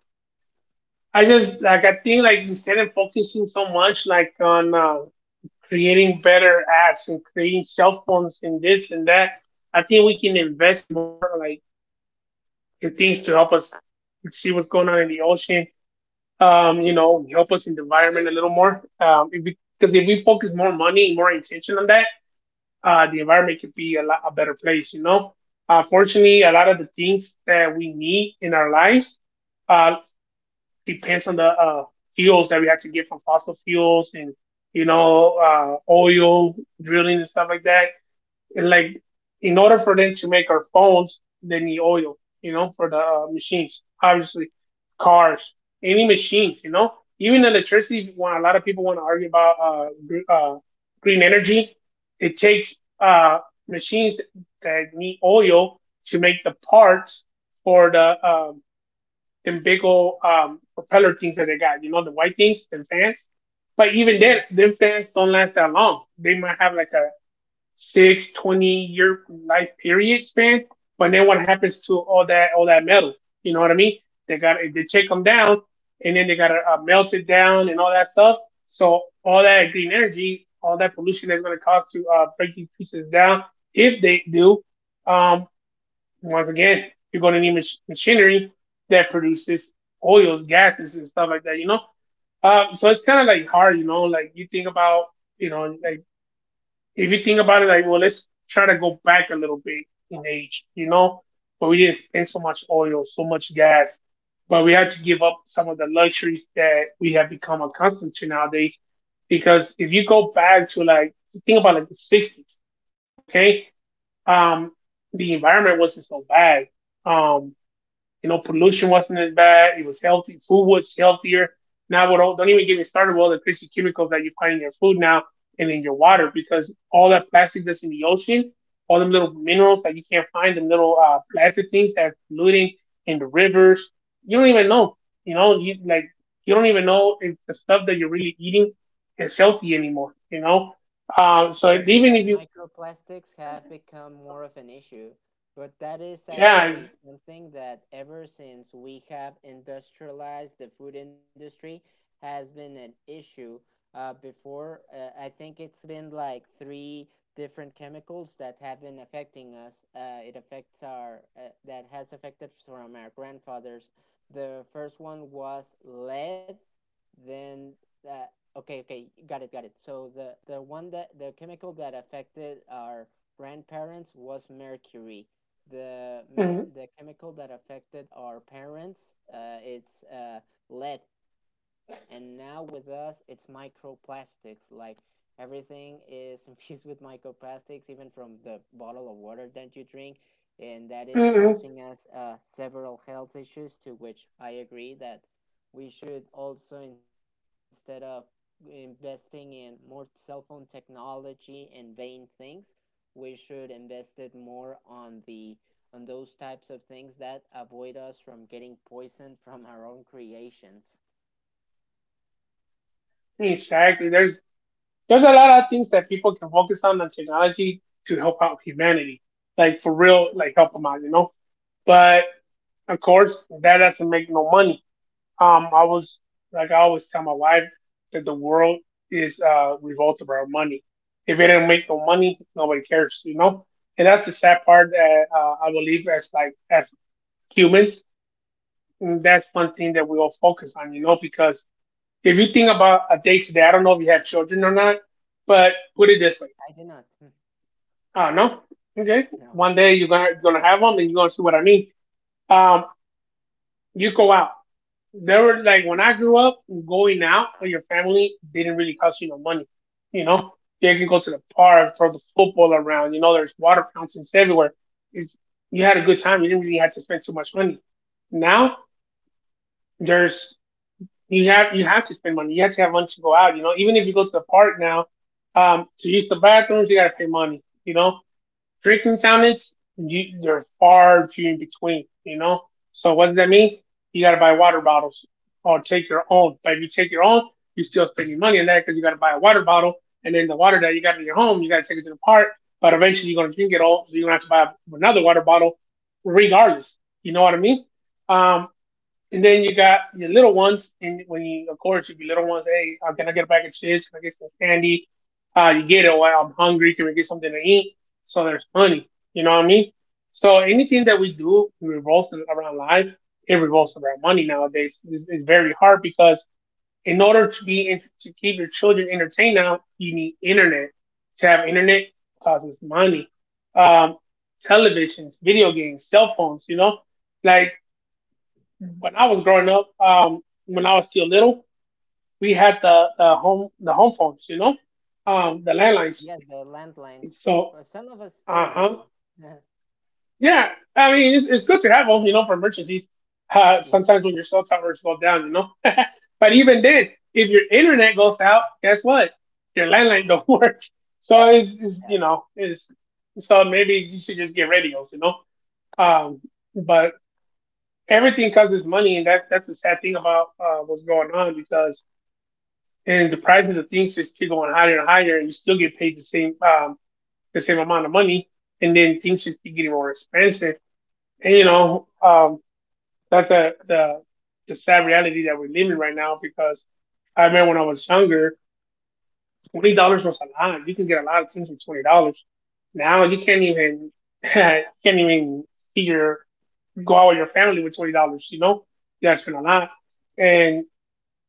Speaker 1: I just like I think like instead of focusing so much like on creating better apps and creating cell phones and this and that, I think we can invest more like and things to help us see what's going on in the ocean. You know, help us in the environment a little more. If we, because if we focus more money and more intention on that, the environment could be a lot a better place. You know, fortunately, a lot of the things that we need in our lives uh, depends on the fuels that we have to get from fossil fuels and you know oil drilling and stuff like that like in order for them to make our phones, they need oil, you know, for the machines, obviously, cars, any machines, you know, even electricity. When a lot of people want to argue about green energy, it takes uh, machines that need oil to make the parts for the them big old propeller things that they got, you know, the white things, the fans. But even then, them fans don't last that long. They might have like a Six twenty year life period span. But then what happens to all that metal? You know what I mean? They take them down, and then they got to melt it down and all that stuff. So all that green energy, all that pollution that's going to cause to break these pieces down, if they do, um, once again, you're going to need machinery that produces oils, gases, and stuff like that. You know, so it's kind of like hard. You know, like you think about, you know, like if you think about it, like, well, let's try to go back a little bit in age, you know? But we didn't spend so much oil, so much gas, but we had to give up some of the luxuries that we have become accustomed to nowadays. Because if you go back to like, think about like the '60s, okay? Um, the environment wasn't so bad. Um, you know, pollution wasn't as bad. It was healthy. Food was healthier. Now, what, don't even get me started with all the crazy chemicals that you find in your food now and in your water because all that plastic that's in the ocean, all them little minerals that you can't find, the little plastic things that's polluting in the rivers. You don't even know. You know, you like you don't even know if the stuff that you're really eating is healthy anymore. You know, so
Speaker 2: Yes,
Speaker 1: even if you,
Speaker 2: microplastics have become more of an issue, but that is
Speaker 1: yeah,
Speaker 2: actually something that ever since we have industrialized the food industry has been an issue. Before, I think it's been like three different chemicals that have been affecting us. That has affected from our grandfathers. The first one was lead, then uh, okay, okay, got it, got it. So the one that the chemical that affected our grandparents was mercury. The chemical that affected our parents, it's lead, and now with us, it's microplastics. Like, everything is [laughs] infused with microplastics, even from the bottle of water that you drink, and that is
Speaker 1: it's-
Speaker 2: causing us several health issues. To which I agree that we should also, instead of investing in more cell phone technology and vain things, we should invest it more on the on those types of things that avoid us from getting poisoned from our own creations.
Speaker 1: [clears throat] exactly. There's a lot of things that people can focus on technology to help out humanity, like for real, like help them out, you know. But of course, that doesn't make no money. I was like I always tell my wife that the world is revolved around money. If it didn't make no money, nobody cares, you know. And that's the sad part that I believe as like as humans, and that's one thing that we all focus on, you know, because if you think about a day to day, I don't know if you have children or not, but put it this way:
Speaker 2: I do not. [laughs]
Speaker 1: I don't know. Okay.
Speaker 2: No.
Speaker 1: One day you're gonna have them and you're gonna see what I need. Um, you go out. There were like when I grew up, going out with your family didn't really cost you no money. You know, yeah, you can go to the park, throw the football around. You know, there's water fountains everywhere. It's, you had a good time. You didn't really have to spend too much money. Now there's you have to spend money. You have to have money to go out. You know, even if you go to the park now, to use the bathrooms, you gotta pay money. You know, drinking fountains, they're far few in between, you know? So what does that mean? You got to buy water bottles or take your own. But if you take your own, you're still spending money on that because you got to buy a water bottle. And then the water that you got in your home, you got to take it to the park. But eventually you're going to drink it all. So you're going to have to buy another water bottle regardless. You know what I mean? Um, and then you got your little ones, and when you, of course, your little ones, hey, can I get a bag of chips? Can I get some candy? You get it. Well, I'm hungry. Can we get something to eat? So there's money. You know what I mean? So anything that we do revolves around life. It revolves around money nowadays. It's very hard because in order to be in, to keep your children entertained now, you need internet. To have internet causes money. Um, Televisions, video games, cell phones. You know, like when I was growing up, when I was still little, we had the home phones, you know, the landlines.
Speaker 2: Yes, the landlines,
Speaker 1: So,
Speaker 2: but some of us still
Speaker 1: uh huh,
Speaker 2: do. [laughs]
Speaker 1: yeah. I mean, it's good to have them, you know, for emergencies.
Speaker 2: Yeah.
Speaker 1: Sometimes when your cell towers go down, you know. [laughs] But even then, if your internet goes out, guess what? Your landline don't [laughs] work. So it's you know, it's so maybe you should just get radios, you know. Um, but everything costs us money, and that's the sad thing about what's going on because and the prices of things just keep going higher and higher, and you still get paid the same amount of money, and then things just keep getting more expensive. And you know, that's a, the sad reality that we're living right now because I remember when I was younger, $20 was a lot. You can get a lot of things for $20. Now you can't even [laughs] can't even see your go out with your family with $20. You know, you gotta spend a lot. And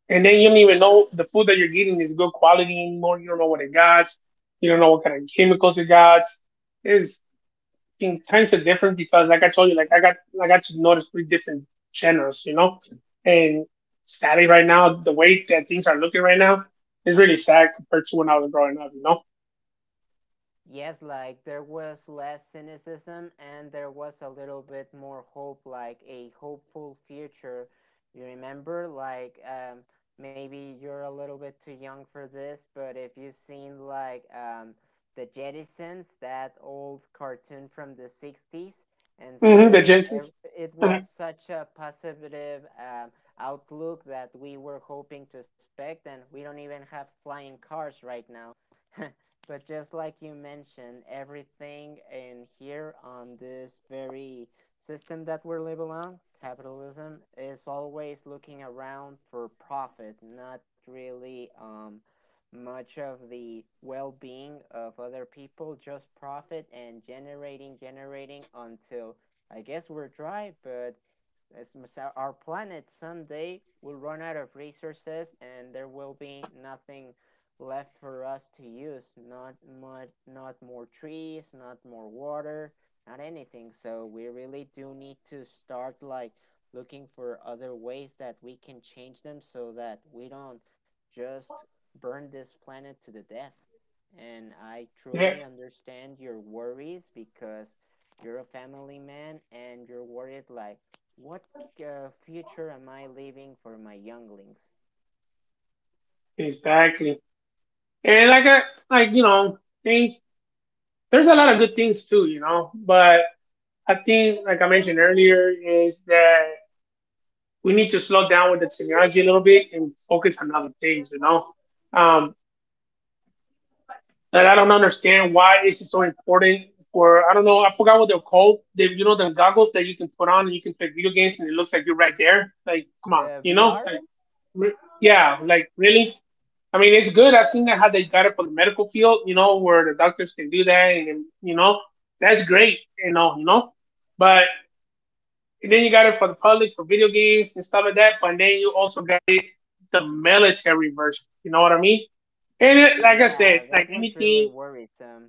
Speaker 1: then you don't even know the food that you're getting is good quality anymore. You don't know what it got. You don't know what kind of chemicals it got. It's thing, times are different because, like I told you, like I got to notice three different channels, you know. And sadly, right now, the way that things are looking right now is really sad compared to when I was growing up, you know.
Speaker 2: Yes, like there was less cynicism and there was a little bit more hope, like a hopeful future. You remember, like maybe you're a little bit too young for this, but if you've seen like the Jettisons, that old cartoon from the '60s, and
Speaker 1: Hmm, the
Speaker 2: so
Speaker 1: chances.
Speaker 2: ev- it was
Speaker 1: Mhm. [laughs]
Speaker 2: such a positive outlook that we were hoping to expect, and we don't even have flying cars right now. [laughs] But just like you mentioned, everything in here on this very system that we're living on, capitalism, is always looking around for profit, not really much of the well being of other people, just profit and generating until I guess we're dry. But it's, our planet someday will run out of resources, and there will be nothing left for us to use. Not much, not more trees, not more water, not anything. So we really do need to start like looking for other ways that we can change them so that we don't just burn this planet to the death. And I
Speaker 1: Yeah,
Speaker 2: truly understand your worries because you're a family man and you're worried like what future am I leaving for my younglings?
Speaker 1: exactly. And like I like you know things. There's a lot of good things too, you know. But I think, like I mentioned earlier, is that we need to slow down with the technology a little bit and focus on other things, you know. Um, and I don't understand why this is so important for I don't know, I forgot what they're called. They you know them goggles that you can put on and you can play video games and it looks like you're right there. Like, come on,
Speaker 2: The
Speaker 1: you know?
Speaker 2: VR.
Speaker 1: Like re- yeah, like really? I mean it's good. I've seen that how they got it for the medical field, you know, where the doctors can do that and you know, that's great, you know. But And then you got it for the public for video games and stuff like that. But then you also got it the military version. You know what I mean? And it, like I
Speaker 2: Yeah,
Speaker 1: said,
Speaker 2: that
Speaker 1: like
Speaker 2: one's really
Speaker 1: anything,
Speaker 2: worrisome.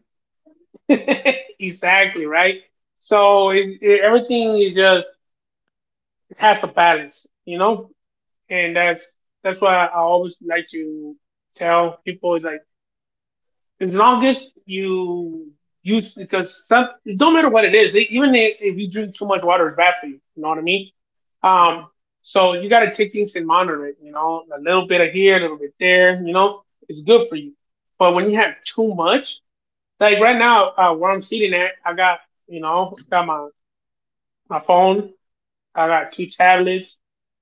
Speaker 1: [laughs] exactly right. So everything is just it has a balance, you know. And that's why I always like to tell people is like as long as you use because some it don't matter what it is. Even if you drink too much water, it's bad for you. You know what I mean?
Speaker 2: Mm-hmm.
Speaker 1: Um, so you got to take things and monitor it. You know, a little bit of here, a little bit there. You know, it's good for you. But when you have too much, like right now, where I'm sitting at, I got you know, got my phone. I got two tablets.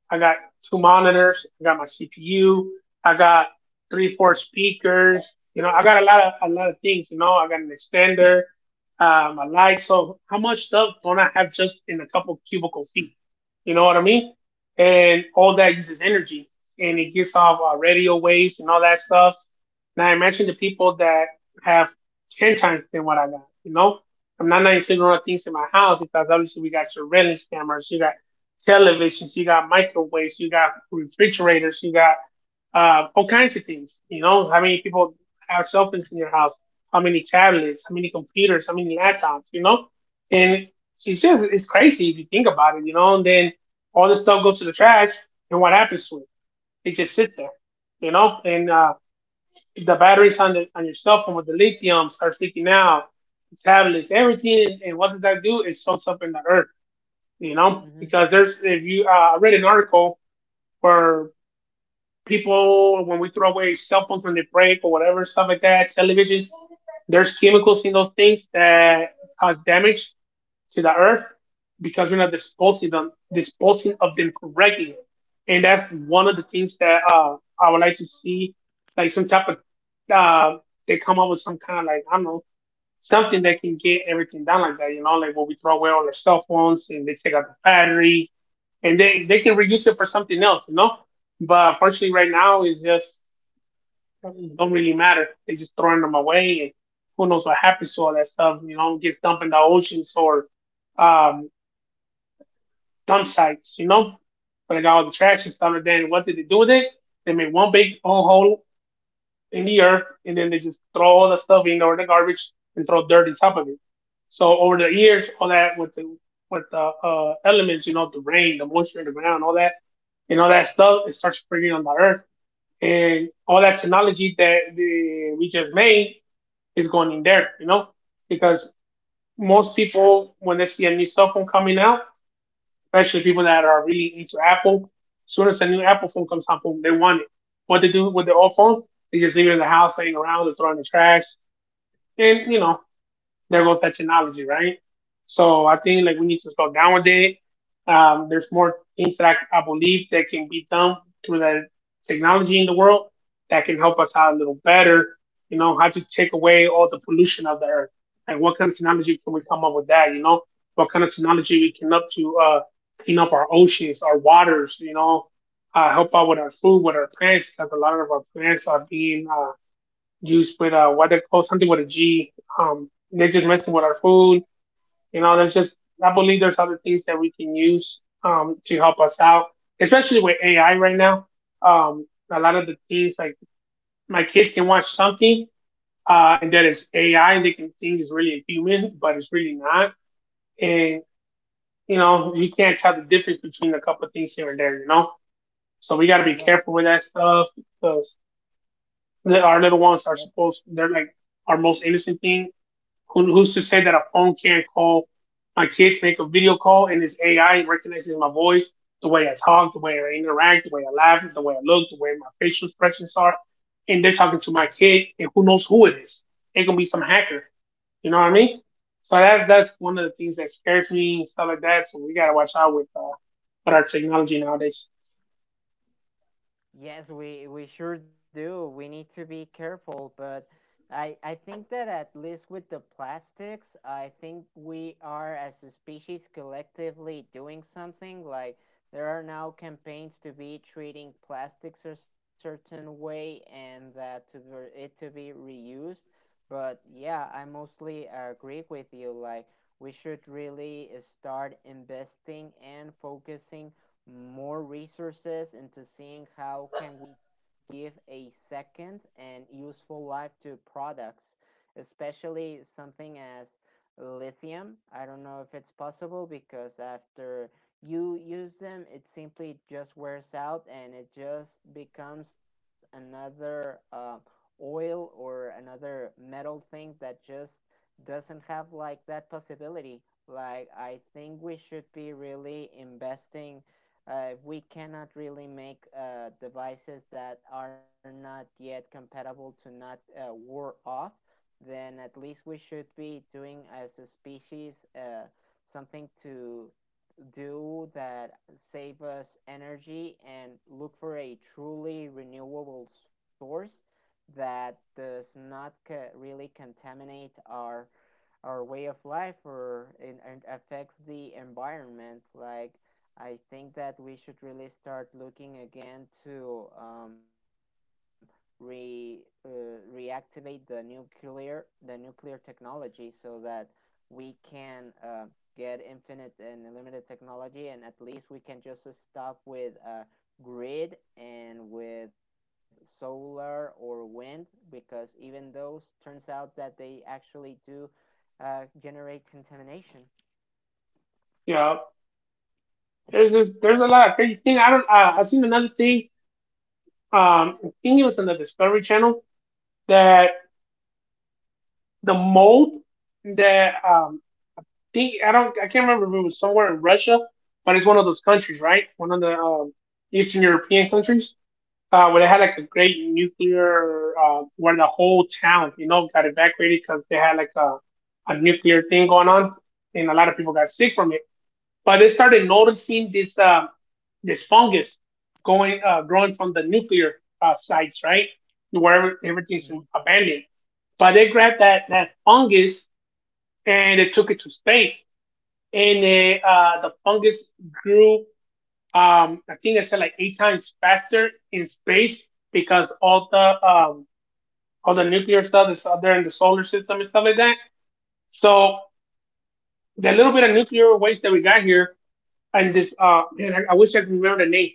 Speaker 1: I got two monitors. I got my CPU. I got three, four speakers. You know, I got a lot of things. You know, I got an extender, my lights. So how much stuff don't I have just in a couple cubicle feet? You know what I mean? And all that uses energy, and it gets off radio waves and all that stuff. Now imagine the people that have ten times than what I got. You know, I'm not including all the things in my house because obviously we got surveillance cameras. You got televisions, you got microwaves, you got refrigerators, you got all kinds of things. You know, how many people have cell phones in your house? How many tablets? How many computers? How many laptops? You know, and it's just it's crazy if you think about it. You know, and then all this stuff goes to the trash, and what happens to it? It just sits there. You know, and the batteries on the on your cell phone with the lithium starts leaking out. Tablets, everything, and what does that do? It soaks up in the earth you know,
Speaker 2: Mm-hmm.
Speaker 1: because there's if you I read an article where people when we throw away cell phones when they break or whatever stuff like that, televisions, there's chemicals in those things that cause damage to the earth because we're not disposing of them correctly, and that's one of the things that I would like to see, like some type of uh, they come up with some kind of like I don't know something that can get everything down like that, you know, like what we throw away all our cell phones and they take out the batteries and they can reuse it for something else, you know. But unfortunately, right now it don't really matter. They're just throwing them away, and who knows what happens to all that stuff? You know, gets dumped in the oceans or um, dump sites, you know. But they got all the trash and stuff. And then what did they do with it? They made one big old hole in the earth, and then they just throw all the stuff in or the garbage and throw dirt on top of it. So over the years, all that with the elements, you know, the rain, the moisture in the ground, all that and all that stuff, it starts spreading on the earth. And all that technology that we just made is going in there, you know, because most people, when they see a new cell phone coming out, especially people that are really into Apple, as soon as the new Apple phone comes out, boom, they want it. What they do with their old phone, they just leave it in the house, hanging around, they throw it in the trash. And, you know, there goes that technology, right? So I think like we need to slow down with it. There's more things that I believe that can be done through the technology in the world that can help us out a little better. You know, how to take away all the pollution of the earth. Like what kind of technology can we come up with that? You know, what kind of technology we can up to clean up our oceans, our waters. You know, help out with our food, with our plants, because a lot of our plants are being used with what they call something with a G. They're just messing with our food. You know, there's just I believe there's other things that we can use to help us out, especially with AI right now. Um, a lot of the things like my kids can watch something and that is AI and they can think it's really a human, but it's really not. And you know, you can't tell the difference between a couple of things here and there. You know, so we got to be careful
Speaker 2: Yes.
Speaker 1: with that stuff because our little
Speaker 2: Yes.
Speaker 1: ones are supposed they're like our most innocent thing. Who's to say that a phone can't call? My kids make a video call and this AI recognizes my voice, the way I talk, the way I interact, the way I laugh, the way I look, the way my facial expressions are. And they're talking to my kid, and who knows who it is? It can be some hacker. You know what I mean? So that's one of the things that scares me and stuff like that. So we gotta watch out with our technology nowadays.
Speaker 2: Yes, we sure do. We need to be careful, but I think that at least with the plastics, I think we are, as a species, collectively doing something. Like, there are now campaigns to be treating plastics a certain way and that to for it to be reused. But yeah, I mostly agree with you. Like, we should really start investing and focusing more resources into seeing how can we give a second and useful life to products, especially something as lithium. I don't know if it's possible because after you use them, it simply just wears out, and it just becomes another oil or another metal thing that just doesn't have like that possibility. Like, I think we should be really investing. We cannot really make devices that are not yet compatible to not war off, then at least we should be doing as a species something to do that save us energy and look for a truly renewable source that does not really contaminate our way of life or in, and affects the environment. Like, I think that we should really start looking again to re uh, reactivate the nuclear technology so that we can get infinite and limited technology, and at least we can just stop with a grid and with solar or wind because even those turns out that they actually do generate contamination.
Speaker 1: You know, there's this, there's a lot of crazy things. I don't. I've seen another thing. I think it was on the Discovery Channel that the mold that think I don't I can't remember if it was somewhere in Russia, but it's one of those countries, right? One of the Eastern European countries where they had like a great nuclear where the whole town you know got evacuated because they had like a nuclear thing going on, and a lot of people got sick from it. But they started noticing this this fungus going growing from the nuclear sites, right? Where
Speaker 2: Mhm.
Speaker 1: everything's abandoned. But they grabbed that fungus and they took it to space. And the fungus grew, I think I said like eight times faster in space because all the nuclear stuff that's out there in the solar system and stuff like that. So the little bit of nuclear waste that we got here, and I wish I could remember the name,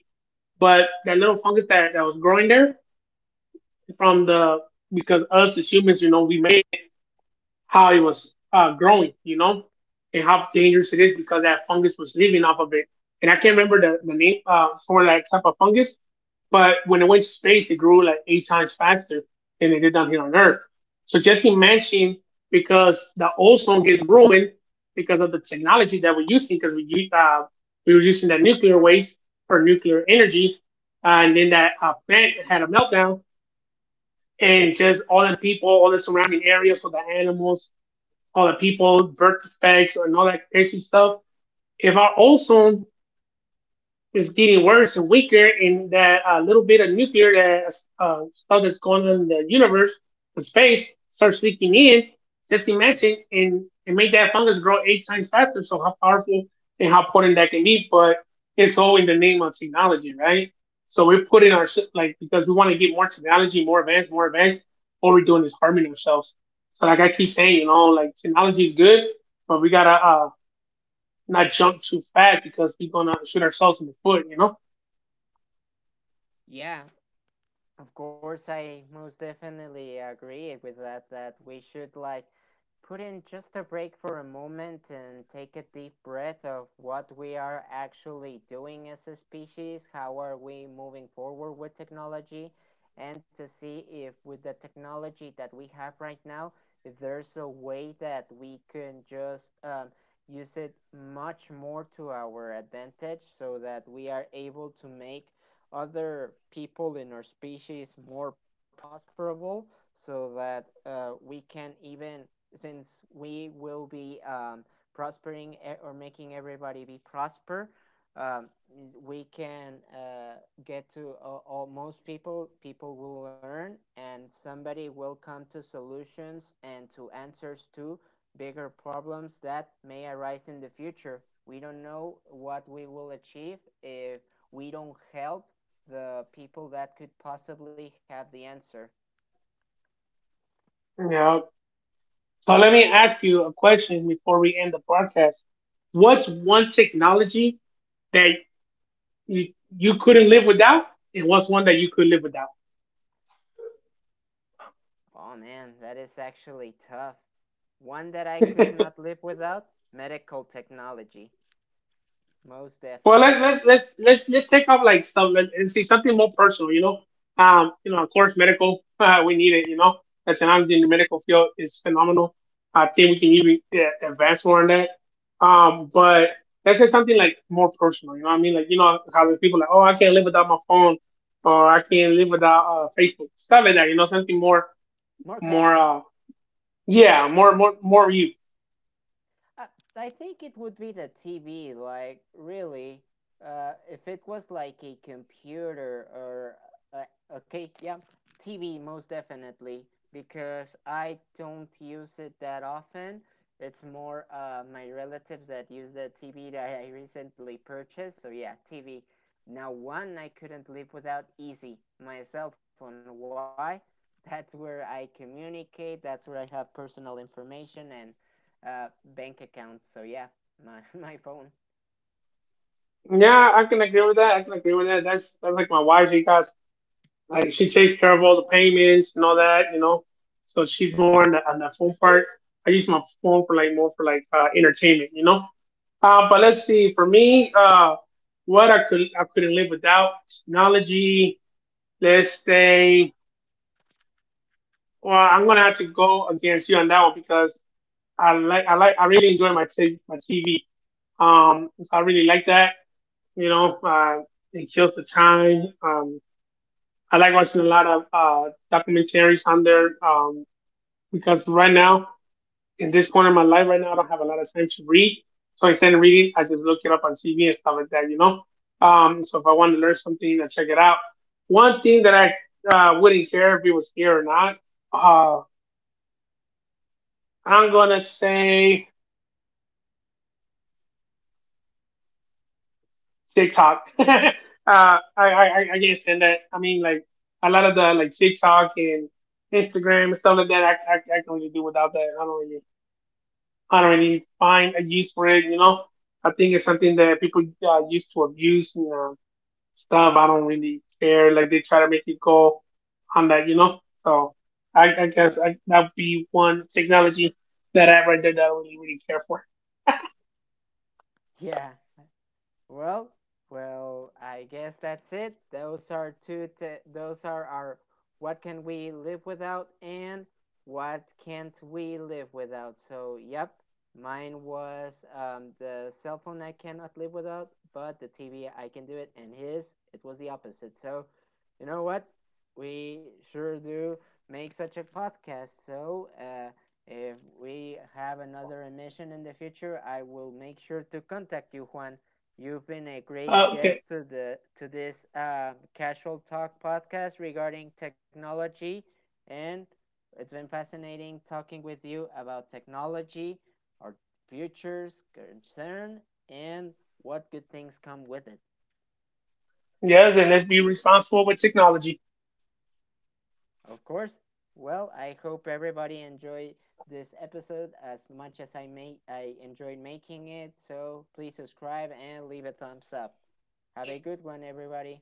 Speaker 1: but that little fungus that was growing there from the because us as humans, you know, we made it how it was growing, you know, and how dangerous it is because that fungus was living off of it. And I can't remember the name for that type of fungus, but when it went to space, it grew like eight times faster than it did down here on Earth. So just imagine because the ozone gets ruined because of the technology that we're using, because uh, we were using that nuclear waste for nuclear energy. And then that plant had a meltdown, and just all the people, all the surrounding areas for the animals, all the people, birth defects, and all that crazy stuff. If our ozone is getting worse and weaker, and that a little bit of nuclear stuff that's going on in the universe, in space, starts leaking in. Just imagine and make that fungus grow eight times faster. So how powerful and how potent that can be, but it's all in the name of technology, right? So we're putting our like because we want to get more technology, more advanced, more advanced. All we're doing is harming ourselves. So like I keep saying, you know, like technology is good, but we gotta not jump too fast because we're gonna shoot ourselves in the foot, you know.
Speaker 2: Yeah, of course, I most definitely agree with that, that we should like put in just a break for a moment and take a deep breath of what we are actually doing as a species, how are we moving forward with technology, and to see if with the technology that we have right now, if there's a way that we can just use it much more to our advantage so that we are able to make other people in our species more prosperable so that we can even, since we will be prospering or making everybody be prosper, um, we can get to all most people, people will learn and somebody will come to solutions and to answers to bigger problems that may arise in the future. We don't know what we will achieve if we don't help the people that could possibly have the answer.
Speaker 1: Yeah. So let me ask you a question before we end the podcast. What's one technology that you, you couldn't live without, and what's one that you could live without?
Speaker 2: Oh man, that is actually tough. One that I could
Speaker 1: [laughs]
Speaker 2: not live without: medical technology, most
Speaker 1: Well, let's
Speaker 2: definitely.
Speaker 1: let's let's let's let's take off like stuff and see something more personal. You know, of course, medical. [laughs] We need it. You know, the technology in the medical field is phenomenal. I think we can even yeah, advance more on that. But let's say something like more personal. You know, what I mean, like you know how there's people like, oh, I can't live without my phone, or I can't live without Facebook, stuff like that. You know, something more,
Speaker 2: More
Speaker 1: more,
Speaker 2: casual.
Speaker 1: uh, yeah, more you.
Speaker 2: I, I think it would be the TV, like, really. If it was like a computer or. Okay, yeah, TV, most definitely, because I don't use it that often. It's more my relatives that use the TV that I recently purchased. So, yeah, TV. Now, one I couldn't live without, easy: my cell phone. Why? [laughs] That's where I communicate, that's where I have personal information and uh, bank account. So yeah, my [laughs] my phone.
Speaker 1: Yeah, I can agree with that. I can agree with that. That's like my wife. You guys like she takes care of all the payments and all that, you know. So she's more on the phone part. I use my phone for like more for like entertainment, you know. But let's see. For me, what I couldn't live without technology. Let's say, well, I'm gonna have to go against you on that one because I really enjoy my TV. So I really like that. You know, it kills the time. I like watching a lot of documentaries on there. Because right now, in this point in my life, right now, I don't have a lot of time to read. So instead of reading, I just look it up on TV and stuff like that, you know. So if I want to learn something, I check it out. One thing that I wouldn't care if it was here or not. Uh, I'm gonna say TikTok. [laughs] I can't stand that. I mean, like a lot of the like TikTok and Instagram and stuff like that. I can really do without that. I don't really. I don't really find a use for it. You know, I think it's something that people used to abuse and stuff. I don't really care. Like they try to make it go on that. You know, so I guess that would be one technology that I right there that I really really care for.
Speaker 2: Yeah, well, well, I guess that's it. Those are two. Those are our what can we live without and what can't we live without. So, yep, mine was the cell phone I cannot live without, but the TV I can do it, and his it was the opposite. So, you know what? We sure do make such a podcast. So, if we have another emission in the future, I will make sure to contact you, Juan. You've been a great guest
Speaker 1: Okay.
Speaker 2: to the to this casual talk podcast regarding technology, and it's been fascinating talking with you about technology, our futures concern, and what good things come with it.
Speaker 1: Yes, and let's be responsible with technology.
Speaker 2: Of course. Well, I hope everybody enjoyed this episode as much as I may. I enjoyed making it. So please subscribe and leave a thumbs up. Have a good one, everybody.